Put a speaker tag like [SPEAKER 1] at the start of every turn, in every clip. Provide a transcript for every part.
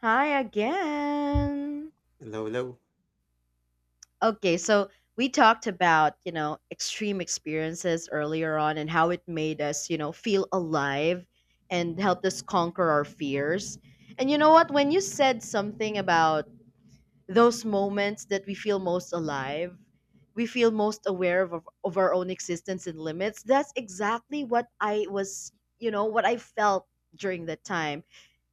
[SPEAKER 1] Hi again.
[SPEAKER 2] Lolo.
[SPEAKER 1] Okay, so we talked about, you know, extreme experiences earlier on and how it made us, you know, feel alive and helped us conquer our fears. And you know what? When you said something about those moments that we feel most alive, we feel most aware of our own existence and limits, that's exactly what I was, you know, what I felt during that time.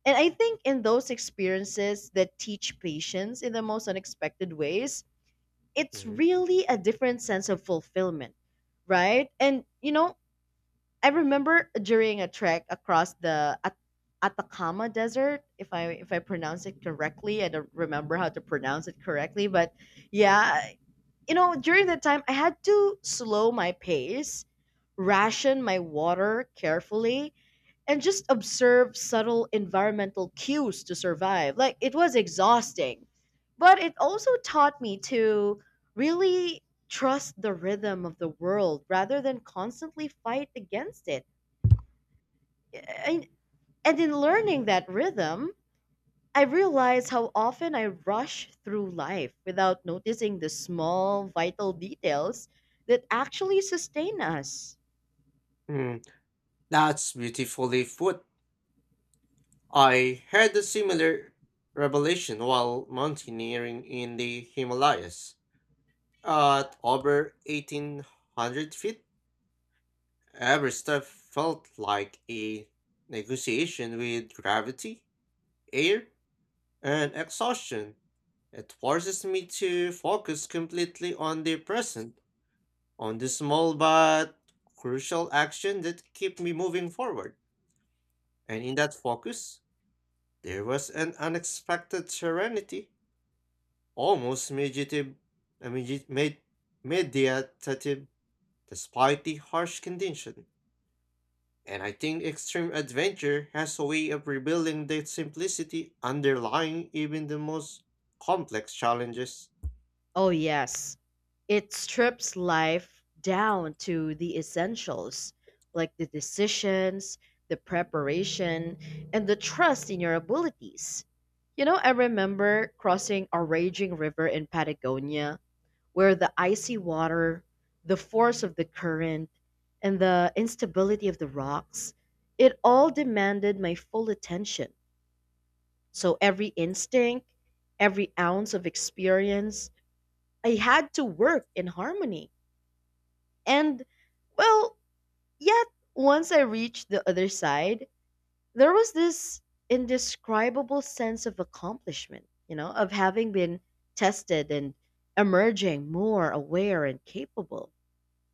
[SPEAKER 1] And I think in those experiences that teach patience in the most unexpected ways, it's
[SPEAKER 2] Mhm.
[SPEAKER 1] really a different sense of fulfillment, right? And you know, I remember during a trek across the Atacama Desert, if I pronounce it correctly, I don't remember how to pronounce it correctly, but yeah, you know, during that time I had to slow my pace, ration my water carefully, and just observe subtle environmental cues to survive. Like it was exhausting, but it also taught me to really trust the rhythm of the world rather than constantly fight against it. And, and in learning that rhythm, I realized how often I rush through life without noticing the small vital details that actually sustain us.
[SPEAKER 2] Hmm, that's beautifully put. I had a similar revelation while mountaineering in the Himalayas. At over 1800 feet, every step felt like a negotiation with gravity, air, and exhaustion. It forces me to focus completely on the present, on the small but crucial action that keep me moving forward. And in that focus, there was an unexpected serenity, almost meditative, I mean, it meditative, despite the harsh condition. And I think extreme adventure has a way of revealing the simplicity underlying even the most complex challenges.
[SPEAKER 1] Oh, yes. It strips life down to the essentials, like the decisions, the preparation, and the trust in your abilities. You know, I remember crossing a raging river in Patagonia where the icy water, the force of the current, and the instability of the rocks, it all demanded my full attention. So every instinct, every ounce of experience, I had to work in harmony. And well, yet once I reached the other side, there was this indescribable sense of accomplishment, you know, of having been tested and emerging more aware and capable.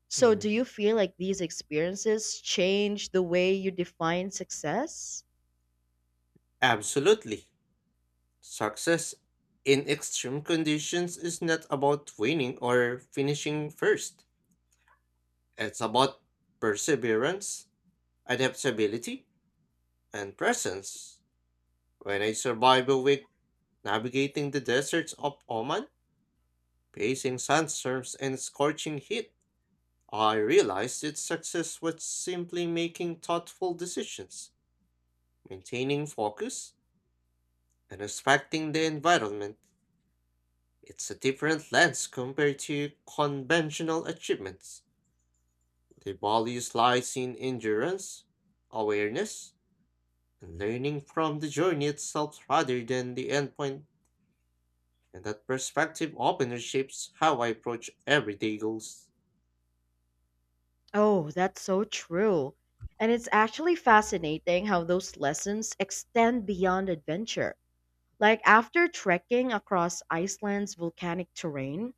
[SPEAKER 1] So, do
[SPEAKER 2] Mm.
[SPEAKER 1] you feel like these experiences change the way you define success?
[SPEAKER 2] Absolutely. Success in extreme conditions is not about winning or finishing first. It's about perseverance, adaptability, and presence. When I survival week navigating the deserts of Oman, facing sandstorms and scorching heat, I realized its success was simply making thoughtful decisions, maintaining focus, and respecting the environment. It's a different lens compared to conventional achievements. The value lies in endurance, awareness, and learning from the journey itself rather than the endpoint. And that perspective often shapes how I approach everyday goals.
[SPEAKER 1] Oh, that's so true. And it's actually fascinating how those lessons extend beyond adventure. Like after trekking across Iceland's volcanic terrain,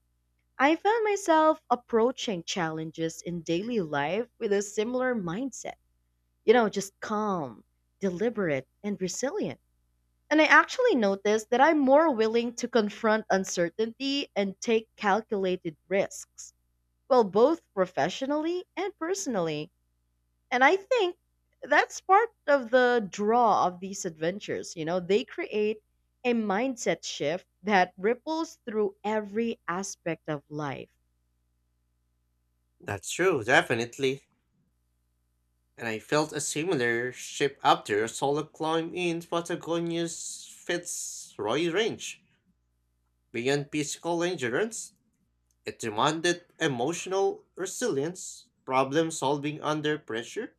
[SPEAKER 1] I found myself approaching challenges in daily life with a similar mindset. You know, just calm, deliberate, and resilient. And I actually noticed that I'm more willing to confront uncertainty and take calculated risks, well, both professionally and personally. And I think that's part of the draw of these adventures. You know, they create a mindset shift that ripples through every aspect of life.
[SPEAKER 2] That's true, definitely. And I felt a similar shift after a solo climb in Patagonia's Fitzroy Range. Beyond physical endurance, it demanded emotional resilience, problem solving under pressure,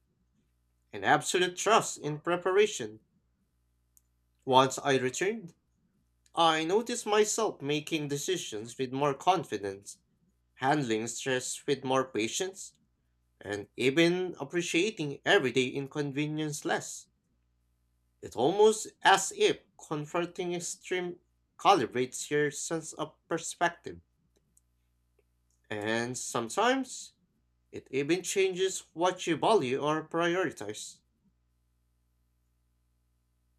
[SPEAKER 2] and absolute trust in preparation. Once I returned, I noticed myself making decisions with more confidence, handling stress with more patience, and even appreciating everyday inconvenience less. It's almost as if confronting extreme calibrates your sense of perspective. And sometimes it even changes what you value or prioritize.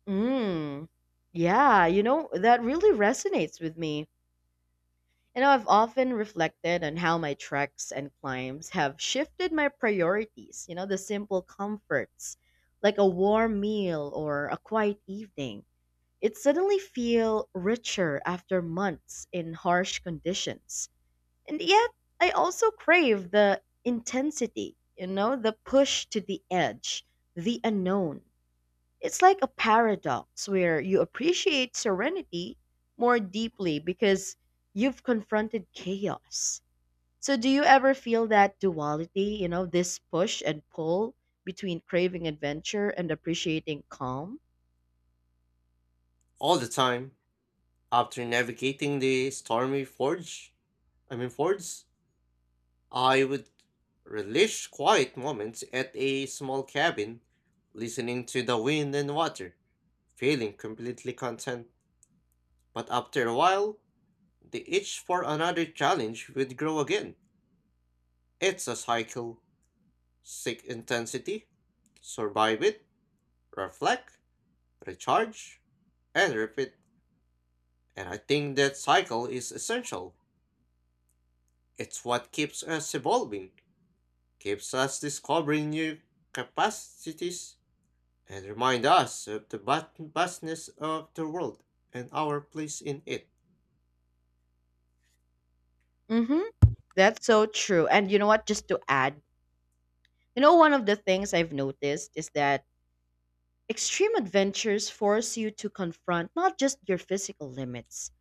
[SPEAKER 1] Mm. Yeah, you know, that really resonates with me. You know, I've often reflected on how my treks and climbs have shifted my priorities, you know, the simple comforts, like a warm meal or a quiet evening. It suddenly feel richer after months in harsh conditions. And yet, I also crave the intensity, you know, the push to the edge, the unknown. It's like a paradox where you appreciate serenity more deeply because you've confronted chaos. So, do you ever feel that duality, you know, this push and pull between craving adventure and appreciating calm?
[SPEAKER 2] All the time, after navigating the stormy forge, I mean fords, I would relish quiet moments at a small cabin, listening to the wind and water, feeling completely content. But after a while, the itch for another challenge would grow again. It's a cycle. Seek intensity, survive it, reflect, recharge, and repeat. And I think that cycle is essential. It's what keeps us evolving, keeps us discovering new capacities, and remind us of the vastness of the world and our place in it.
[SPEAKER 1] Mm-hmm. That's so true. And you know what? Just to add, you know, one of the things I've noticed is that extreme adventures force you to confront not just your physical limits,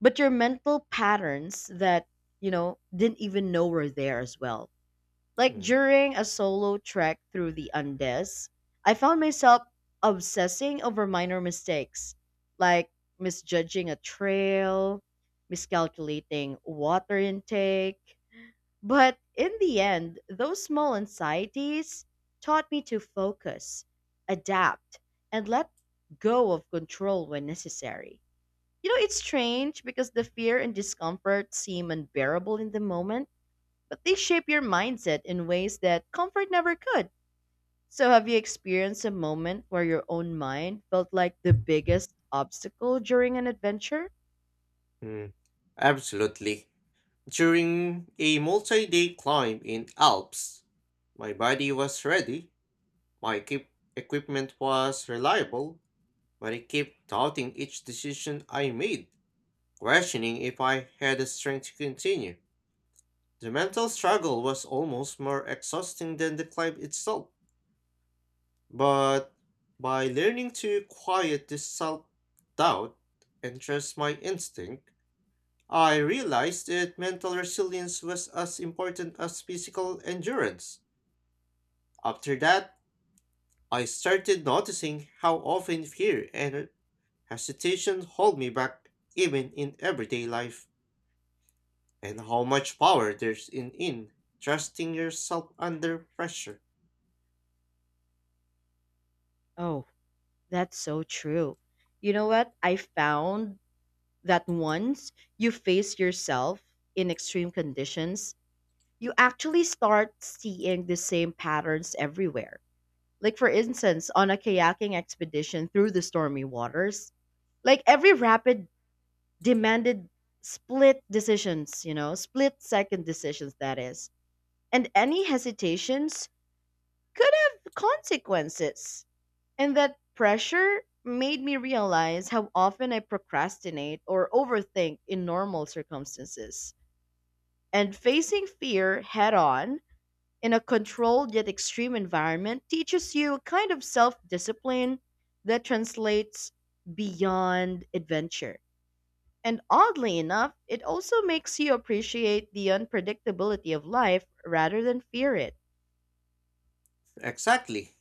[SPEAKER 1] but your mental patterns that, you know, didn't even know were there as well. Like
[SPEAKER 2] Mm,
[SPEAKER 1] during a solo trek through the Andes, I found myself obsessing over minor mistakes, like misjudging a trail, miscalculating water intake, but in the end, those small anxieties taught me to focus, adapt, and let go of control when necessary. You know, it's strange because the fear and discomfort seem unbearable in the moment, but they shape your mindset in ways that comfort never could. So, have you experienced a moment where your own mind felt like the biggest obstacle during an adventure?
[SPEAKER 2] mm, absolutely. During a multi day climb in Alps, my body was ready, my equipment was reliable, but I kept doubting each decision I made, questioning if I had the strength to continue. The mental struggle was almost more exhausting than the climb itself, but by learning to quiet this self doubt and trust my instinct, I realized that mental resilience was as important as physical endurance. After that, I started noticing how often fear and hesitation hold me back, even in everyday life, and how much power there's in trusting yourself under pressure.
[SPEAKER 1] Oh, that's so true. You know what? I found that once you face yourself in extreme conditions, you actually start seeing the same patterns everywhere. Like, for instance, on a kayaking expedition through the stormy waters, like every rapid demanded split decisions, you know, split second decisions, that is. And any hesitations could have consequences. And that pressure made me realize how often I procrastinate or overthink in normal circumstances. And facing fear head on in a controlled yet extreme environment teaches you a kind of self discipline that translates beyond adventure. And oddly enough, it also makes you appreciate the unpredictability of life rather than fear it.
[SPEAKER 2] Exactly.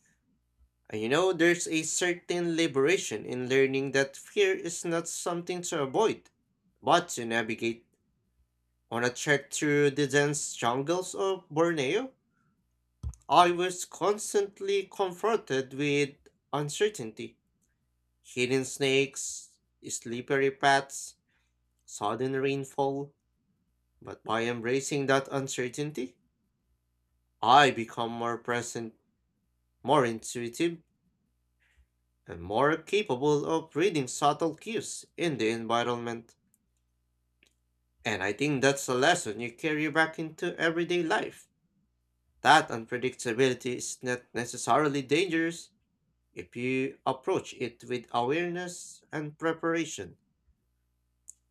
[SPEAKER 2] And you know, there's a certain liberation in learning that fear is not something to avoid, but to navigate. On a trek through the dense jungles of Borneo, I was constantly confronted with uncertainty, hidden snakes, slippery paths, sudden rainfall. But by embracing that uncertainty, I become more present, more intuitive, and more capable of reading subtle cues in the environment. And I think that's a lesson you carry back into everyday life. That unpredictability is not necessarily dangerous, if you approach it with awareness and preparation.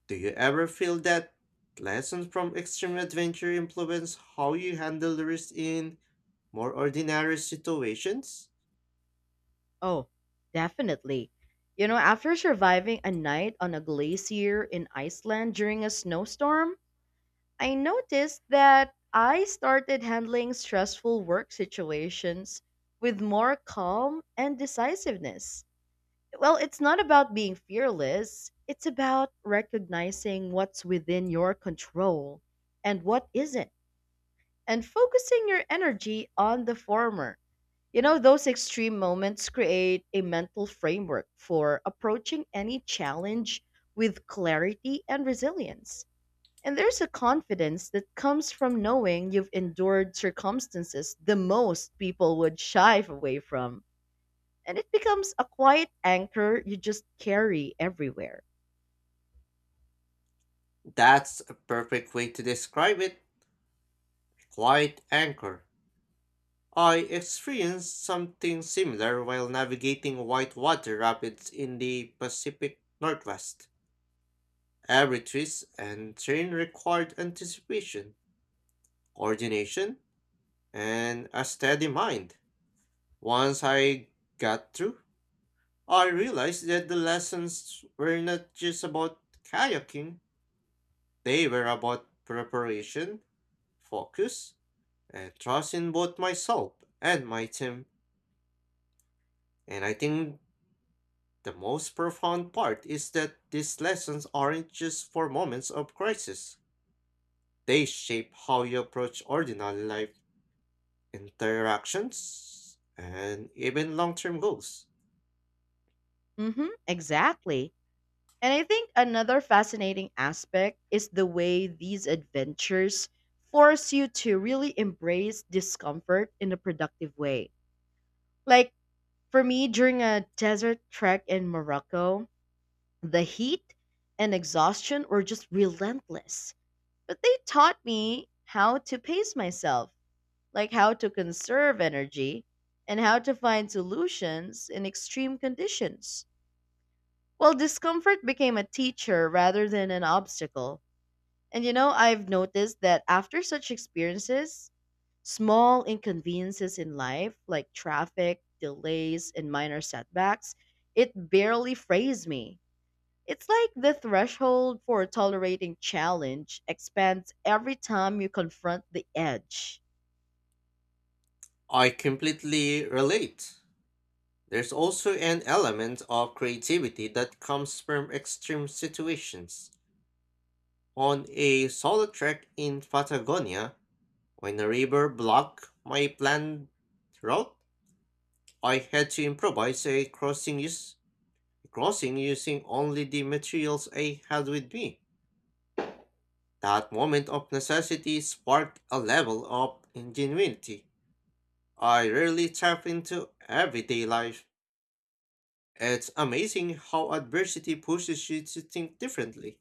[SPEAKER 2] Do you ever feel that lessons from extreme adventure influence how you handle the risk in more ordinary situations?
[SPEAKER 1] Oh, definitely. You know, after surviving a night on a glacier in Iceland during a snowstorm, I noticed that I started handling stressful work situations with more calm and decisiveness. Well, it's not about being fearless, it's about recognizing what's within your control and what isn't, and focusing your energy on the former. You know, those extreme moments create a mental framework for approaching any challenge with clarity and resilience. And there's a confidence that comes from knowing you've endured circumstances the most people would shy away from. And it becomes a quiet anchor you just carry everywhere.
[SPEAKER 2] That's a perfect way to describe it. Quiet anchor. I experienced something similar while navigating whitewater rapids in the Pacific Northwest. Every twist and turn required anticipation, coordination, and a steady mind. Once I got through, I realized that the lessons were not just about kayaking, they were about preparation, focus, and trust in both myself and my team. And I think the most profound part is that these lessons aren't just for moments of crisis. They shape how you approach ordinary life, interactions, and even long term goals.
[SPEAKER 1] Mm hmm, exactly. And I think another fascinating aspect is the way these adventures force you to really embrace discomfort in a productive way. Like for me, during a desert trek in Morocco, the heat and exhaustion were just relentless. But they taught me how to pace myself, like how to conserve energy and how to find solutions in extreme conditions. Well, discomfort became a teacher rather than an obstacle. And you know, I've noticed that after such experiences, small inconveniences in life, like traffic, delays, and minor setbacks, it barely frays me. It's like the threshold for tolerating challenge expands every time you confront the edge.
[SPEAKER 2] I completely relate. There's also an element of creativity that comes from extreme situations. On a solo trek in Patagonia, when a river blocked my planned route, I had to improvise a crossing using only the materials I had with me. That moment of necessity sparked a level of ingenuity I rarely tap into everyday life. It's amazing how adversity pushes you to think differently,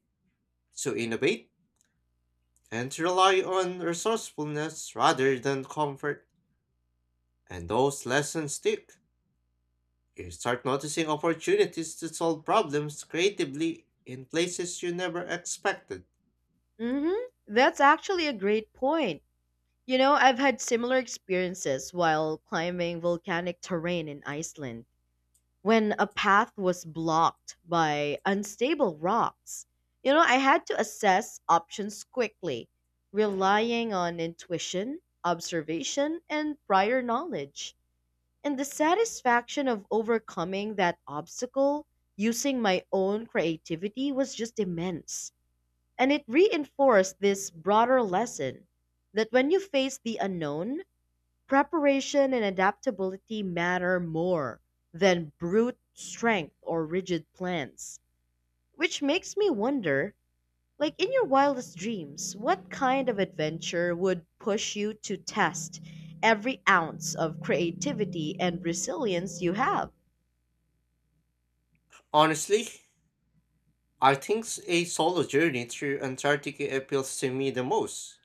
[SPEAKER 2] to innovate, and to rely on resourcefulness rather than comfort. And those lessons stick. You start noticing opportunities to solve problems creatively in places you never expected.
[SPEAKER 1] Mm-hmm. That's actually a great point. You know, I've had similar experiences while climbing volcanic terrain in Iceland, when a path was blocked by unstable rocks. You know, I had to assess options quickly, relying on intuition, observation, and prior knowledge. And the satisfaction of overcoming that obstacle using my own creativity was just immense. And it reinforced this broader lesson that when you face the unknown, preparation and adaptability matter more than brute strength or rigid plans. Which makes me wonder like, in your wildest dreams, what kind of adventure would push you to test every ounce of creativity and resilience you have?
[SPEAKER 2] Honestly, I think a solo journey through Antarctica appeals to me the most.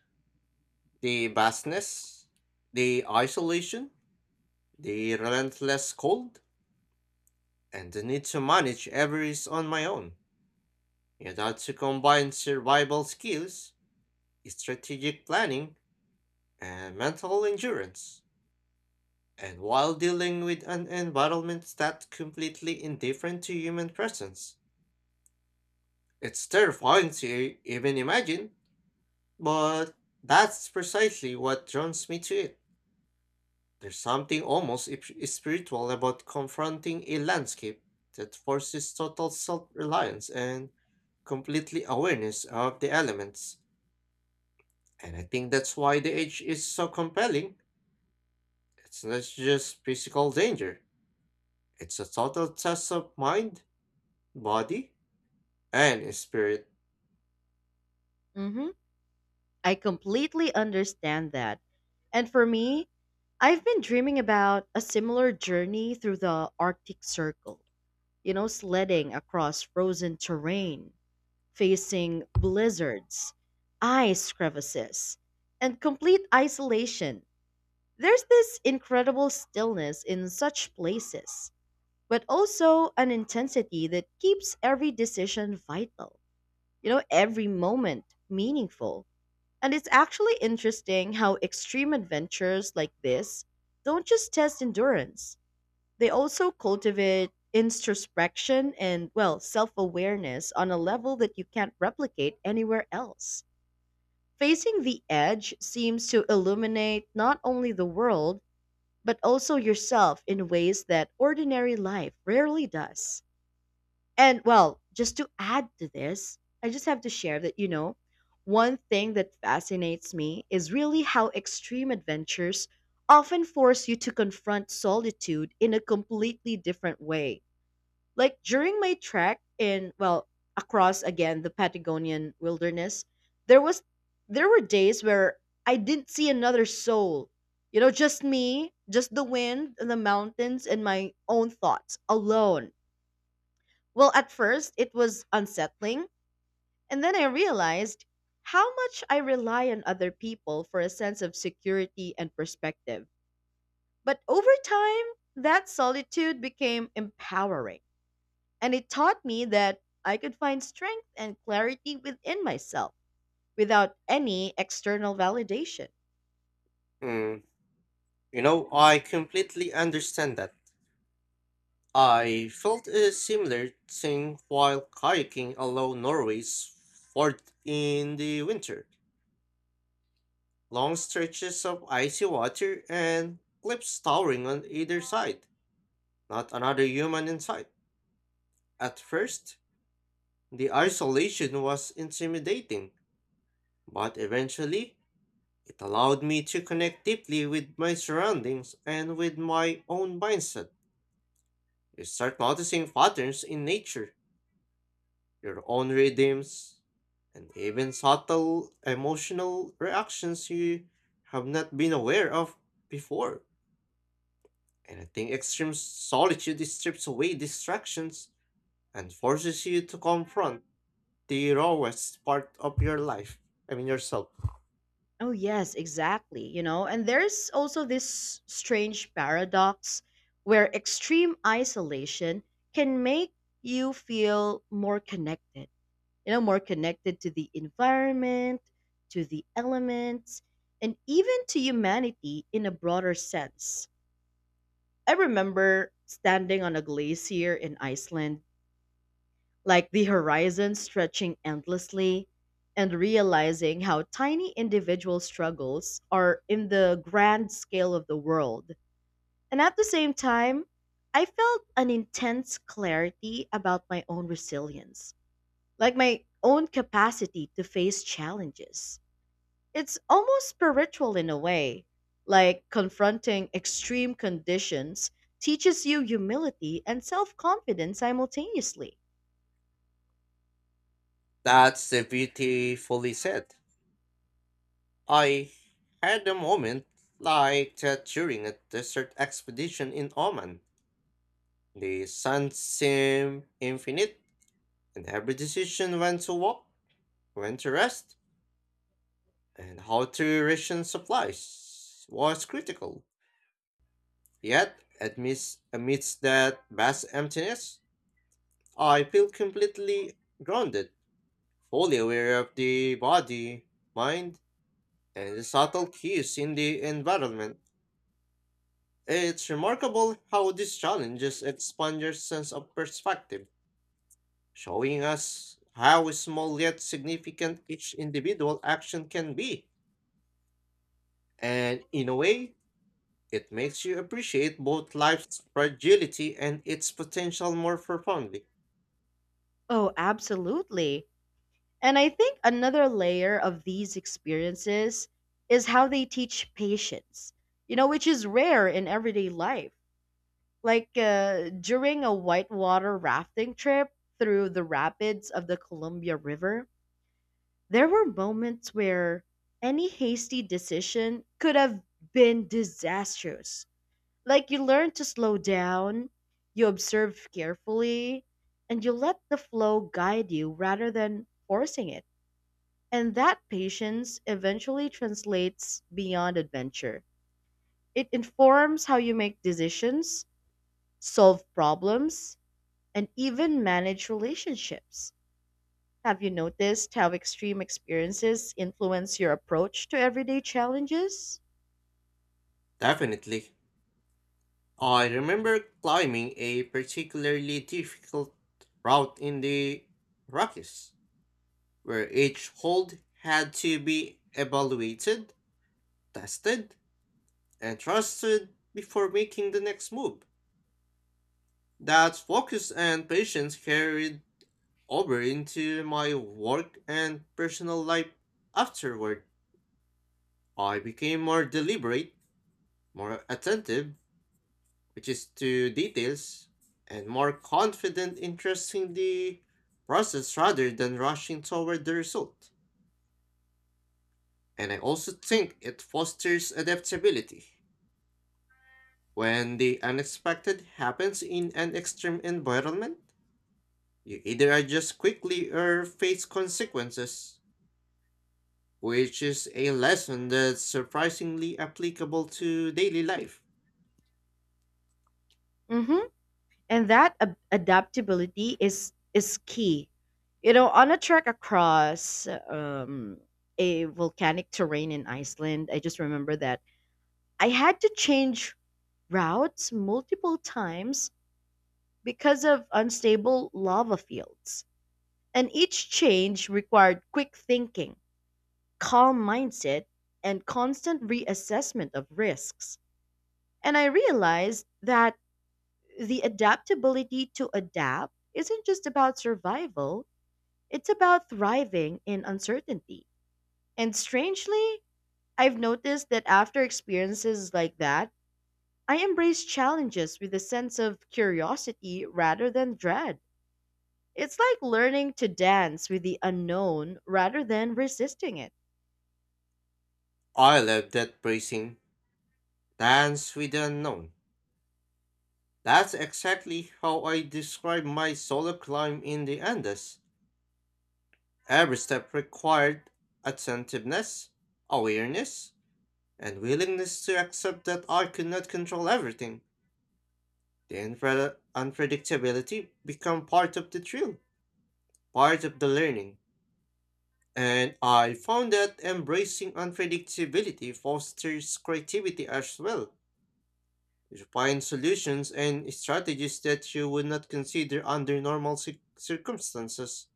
[SPEAKER 2] The vastness, the isolation, the relentless cold, and the need to manage everything on my own. It had to combine survival skills, strategic planning, and mental endurance. And while dealing with an environment that's completely indifferent to human presence, it's terrifying to even imagine, but that's precisely what draws me to it. There's something almost spiritual about confronting a landscape that forces total self reliance and completely awareness of the elements. And I think that's why the age is so compelling. It's not just physical danger, it's a total test of mind, body, and spirit.
[SPEAKER 1] hmm I completely understand that. And for me, I've been dreaming about a similar journey through the Arctic Circle, you know, sledding across frozen terrain facing blizzards, ice crevices, and complete isolation. There's this incredible stillness in such places, but also an intensity that keeps every decision vital, you know, every moment meaningful. And it's actually interesting how extreme adventures like this don't just test endurance, they also cultivate introspection and, well, self awareness on a level that you can't replicate anywhere else. Facing the edge seems to illuminate not only the world, but also yourself in ways that ordinary life rarely does. And, well, just to add to this, I just have to share that, you know, one thing that fascinates me is really how extreme adventures often force you to confront solitude in a completely different way, like during my trek in well, across again the Patagonian wilderness, there was there were days where I didn't see another soul. You know, just me, just the wind and the mountains and my own thoughts alone. Well, at first it was unsettling, and then I realized how much I rely on other people for a sense of security and perspective. But over time, that solitude became empowering and it taught me that I could find strength and clarity within myself without any external validation.
[SPEAKER 2] Mm, you know, I completely understand that. I felt a similar thing while kayaking along Norway's fort in the winter. Long stretches of icy water and cliffs towering on either side. Not another human in sight. At first, the isolation was intimidating, but eventually, it allowed me to connect deeply with my surroundings and with my own mindset. You start noticing patterns in nature, your own rhythms, and even subtle emotional reactions you have not been aware of before. And I think extreme solitude strips away distractions and forces you to confront the rawest part of your life. I mean, yourself.
[SPEAKER 1] Oh, yes, exactly. You know, and there's also this strange paradox where extreme isolation can make you feel more connected, you know, more connected to the environment, to the elements, and even to humanity in a broader sense. I remember standing on a glacier in Iceland, like the horizon stretching endlessly, and realizing how tiny individual struggles are in the grand scale of the world. And at the same time, I felt an intense clarity about my own resilience, like my own capacity to face challenges. It's almost spiritual in a way, like confronting extreme conditions teaches you humility and self confidence simultaneously.
[SPEAKER 2] That's the beautifully said. I had a moment like that during a desert expedition in Oman. The sun seemed infinite, and every decision when to walk, when to rest, and how to ration supplies was critical. Yet, amidst that vast emptiness, I feel completely grounded, fully aware of the body, mind, and the subtle cues in the environment. It's remarkable how these challenges expand your sense of perspective, showing us how small yet significant each individual action can be. And in a way, it makes you appreciate both life's fragility and its potential more profoundly.
[SPEAKER 1] Oh, absolutely. And I think another layer of these experiences is how they teach patience, you know, which is rare in everyday life. Like during a whitewater rafting trip through the rapids of the Columbia River, there were moments where any hasty decision could have been disastrous. Like you learn to slow down, you observe carefully, and you let the flow guide you rather than forcing it, and that patience eventually translates beyond adventure. It informs how you make decisions, solve problems, and even manage relationships. Have you noticed how extreme experiences influence your approach to everyday challenges?
[SPEAKER 2] Definitely. I remember climbing a particularly difficult route in the Rockies, where each hold had to be evaluated, tested, and trusted before making the next move. That focus and patience carried over into my work and personal life afterward. I became more deliberate, more attentive, which is to details and more confident in trusting the process rather than rushing toward the result. And I also think it fosters adaptability. When the unexpected happens in an extreme environment, you either adjust quickly or face consequences, which is a lesson that's surprisingly applicable to daily life.
[SPEAKER 1] Mm-hmm. And that adaptability is key. You know, on a trek across a volcanic terrain in Iceland, I just remember that I had to change routes multiple times because of unstable lava fields, and each change required quick thinking, calm mindset, and constant reassessment of risks. And I realized that the adaptability to adapt isn't just about survival, it's about thriving in uncertainty. And strangely, I've noticed that after experiences like that, I embrace challenges with a sense of curiosity rather than dread. It's like learning to dance with the unknown rather than resisting it.
[SPEAKER 2] I love that phrasing, dance with the unknown. That's exactly how I describe my solo climb in the Andes. Every step required attentiveness, awareness, and willingness to accept that I could not control everything. The unpredictability become part of the thrill, part of the learning. And I found that embracing unpredictability fosters creativity as well. You find solutions and strategies that you would not consider under normal circumstances.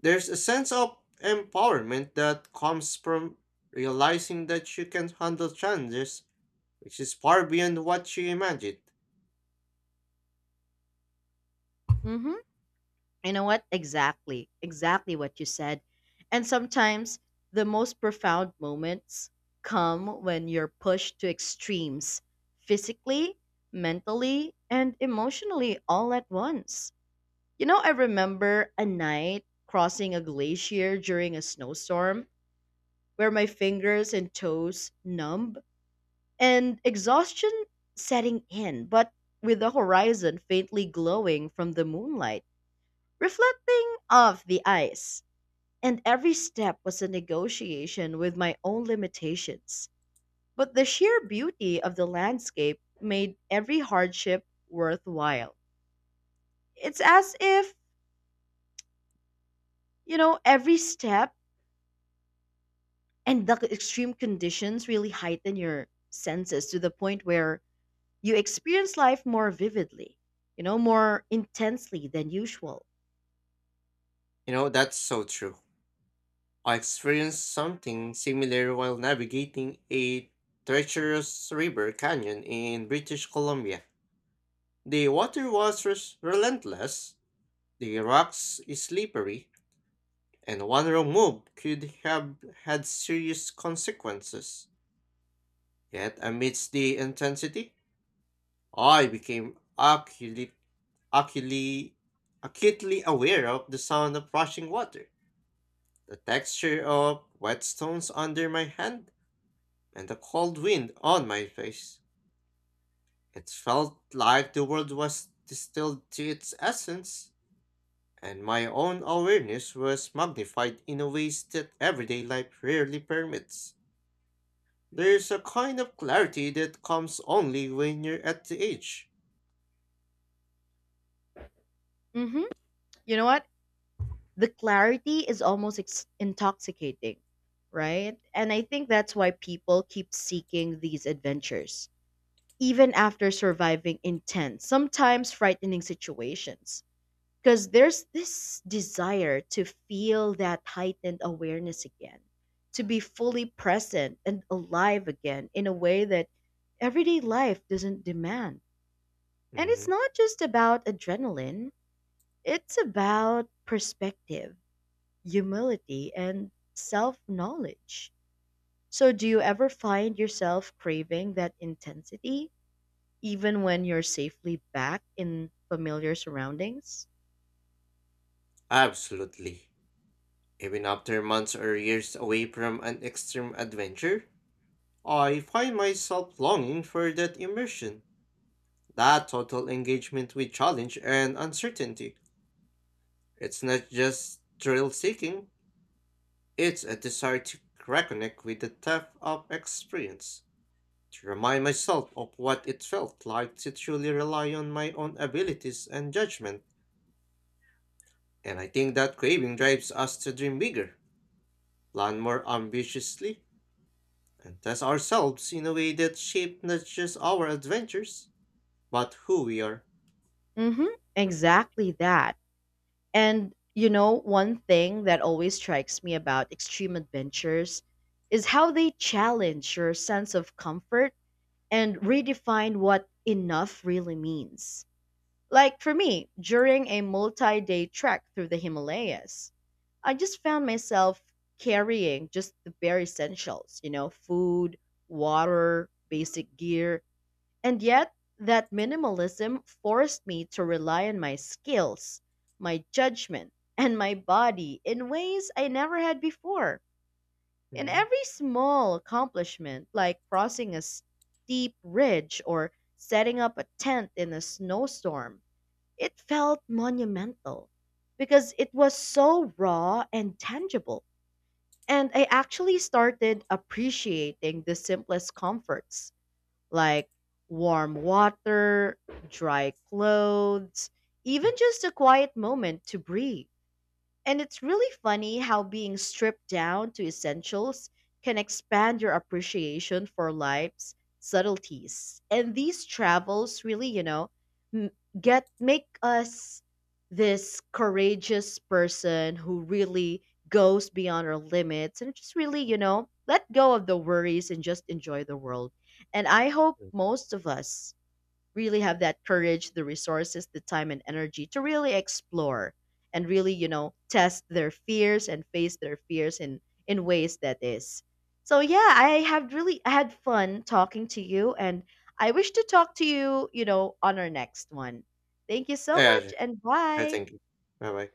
[SPEAKER 2] There's a sense of empowerment that comes from realizing that you can handle challenges, which is far beyond what you imagined.
[SPEAKER 1] hmm You know what? Exactly. Exactly what you said. And sometimes the most profound moments come when you're pushed to extremes physically, mentally, and emotionally all at once. You know, I remember a night crossing a glacier during a snowstorm where my fingers and toes numbed and exhaustion setting in, but with the horizon faintly glowing from the moonlight, reflecting off the ice. And every step was a negotiation with my own limitations. But the sheer beauty of the landscape made every hardship worthwhile. It's as if, you know, every step and the extreme conditions really heighten your senses to the point where you experience life more vividly, you know, more intensely than usual.
[SPEAKER 2] You know, that's so true. I experienced something similar while navigating a treacherous river canyon in British Columbia. The water was relentless, the rocks slippery, and one wrong move could have had serious consequences. Yet, amidst the intensity, I became acutely, acutely aware of the sound of rushing water, the texture of wet stones under my hand, and the cold wind on my face. It felt like the world was distilled to its essence, and my own awareness was magnified in a ways that everyday life rarely permits. There's a kind of clarity that comes only when you're at the age.
[SPEAKER 1] hmm You know what? The clarity is almost intoxicating, right? And I think that's why people keep seeking these adventures, even after surviving intense, sometimes frightening situations. Because there's this desire to feel that heightened awareness again, to be fully present and alive again in a way that everyday life doesn't demand. And it's
[SPEAKER 2] Mhm.
[SPEAKER 1] not just about adrenaline, it's about perspective, humility, and self knowledge. So, do you ever find yourself craving that intensity, even when you're safely back in familiar surroundings?
[SPEAKER 2] Absolutely. Even after months or years away from an extreme adventure, I find myself longing for that immersion, that total engagement with challenge and uncertainty. It's not just thrill seeking, it's a desire to reconnect with the depth of experience, to remind myself of what it felt like to truly rely on my own abilities and judgment. And I think that craving drives us to dream bigger, plan more ambitiously, and test ourselves in a way that shape not just our adventures, but who we are.
[SPEAKER 1] Hmm. Exactly that. And, you know, one thing that always strikes me about extreme adventures is how they challenge your sense of comfort and redefine what enough really means. Like for me, during a multi day trek through the Himalayas, I just found myself carrying just the bare essentials, you know, food, water, basic gear. And yet, that minimalism forced me to rely on my skills, my judgment, and my body in ways I never had before. In
[SPEAKER 2] Hmm.
[SPEAKER 1] every small accomplishment, like crossing a steep ridge or setting up a tent in a snowstorm, it felt monumental because it was so raw and tangible. And I actually started appreciating the simplest comforts like warm water, dry clothes, even just a quiet moment to breathe. And it's really funny how being stripped down to essentials can expand your appreciation for life's subtleties. And these travels really, you know, m- get make us this courageous person who really goes beyond our limits and just really, you know, let go of the worries and just enjoy the world. And I hope most of us really have that courage, the resources, the time and energy to really explore and really, you know, test their fears and face their fears in ways that is. So yeah, I have really I had fun talking to you and I wish to talk to you, you know, on our next one. Thank you so
[SPEAKER 2] Yeah,
[SPEAKER 1] much
[SPEAKER 2] yeah,
[SPEAKER 1] and
[SPEAKER 2] yeah,
[SPEAKER 1] bye.
[SPEAKER 2] thank you. Bye bye.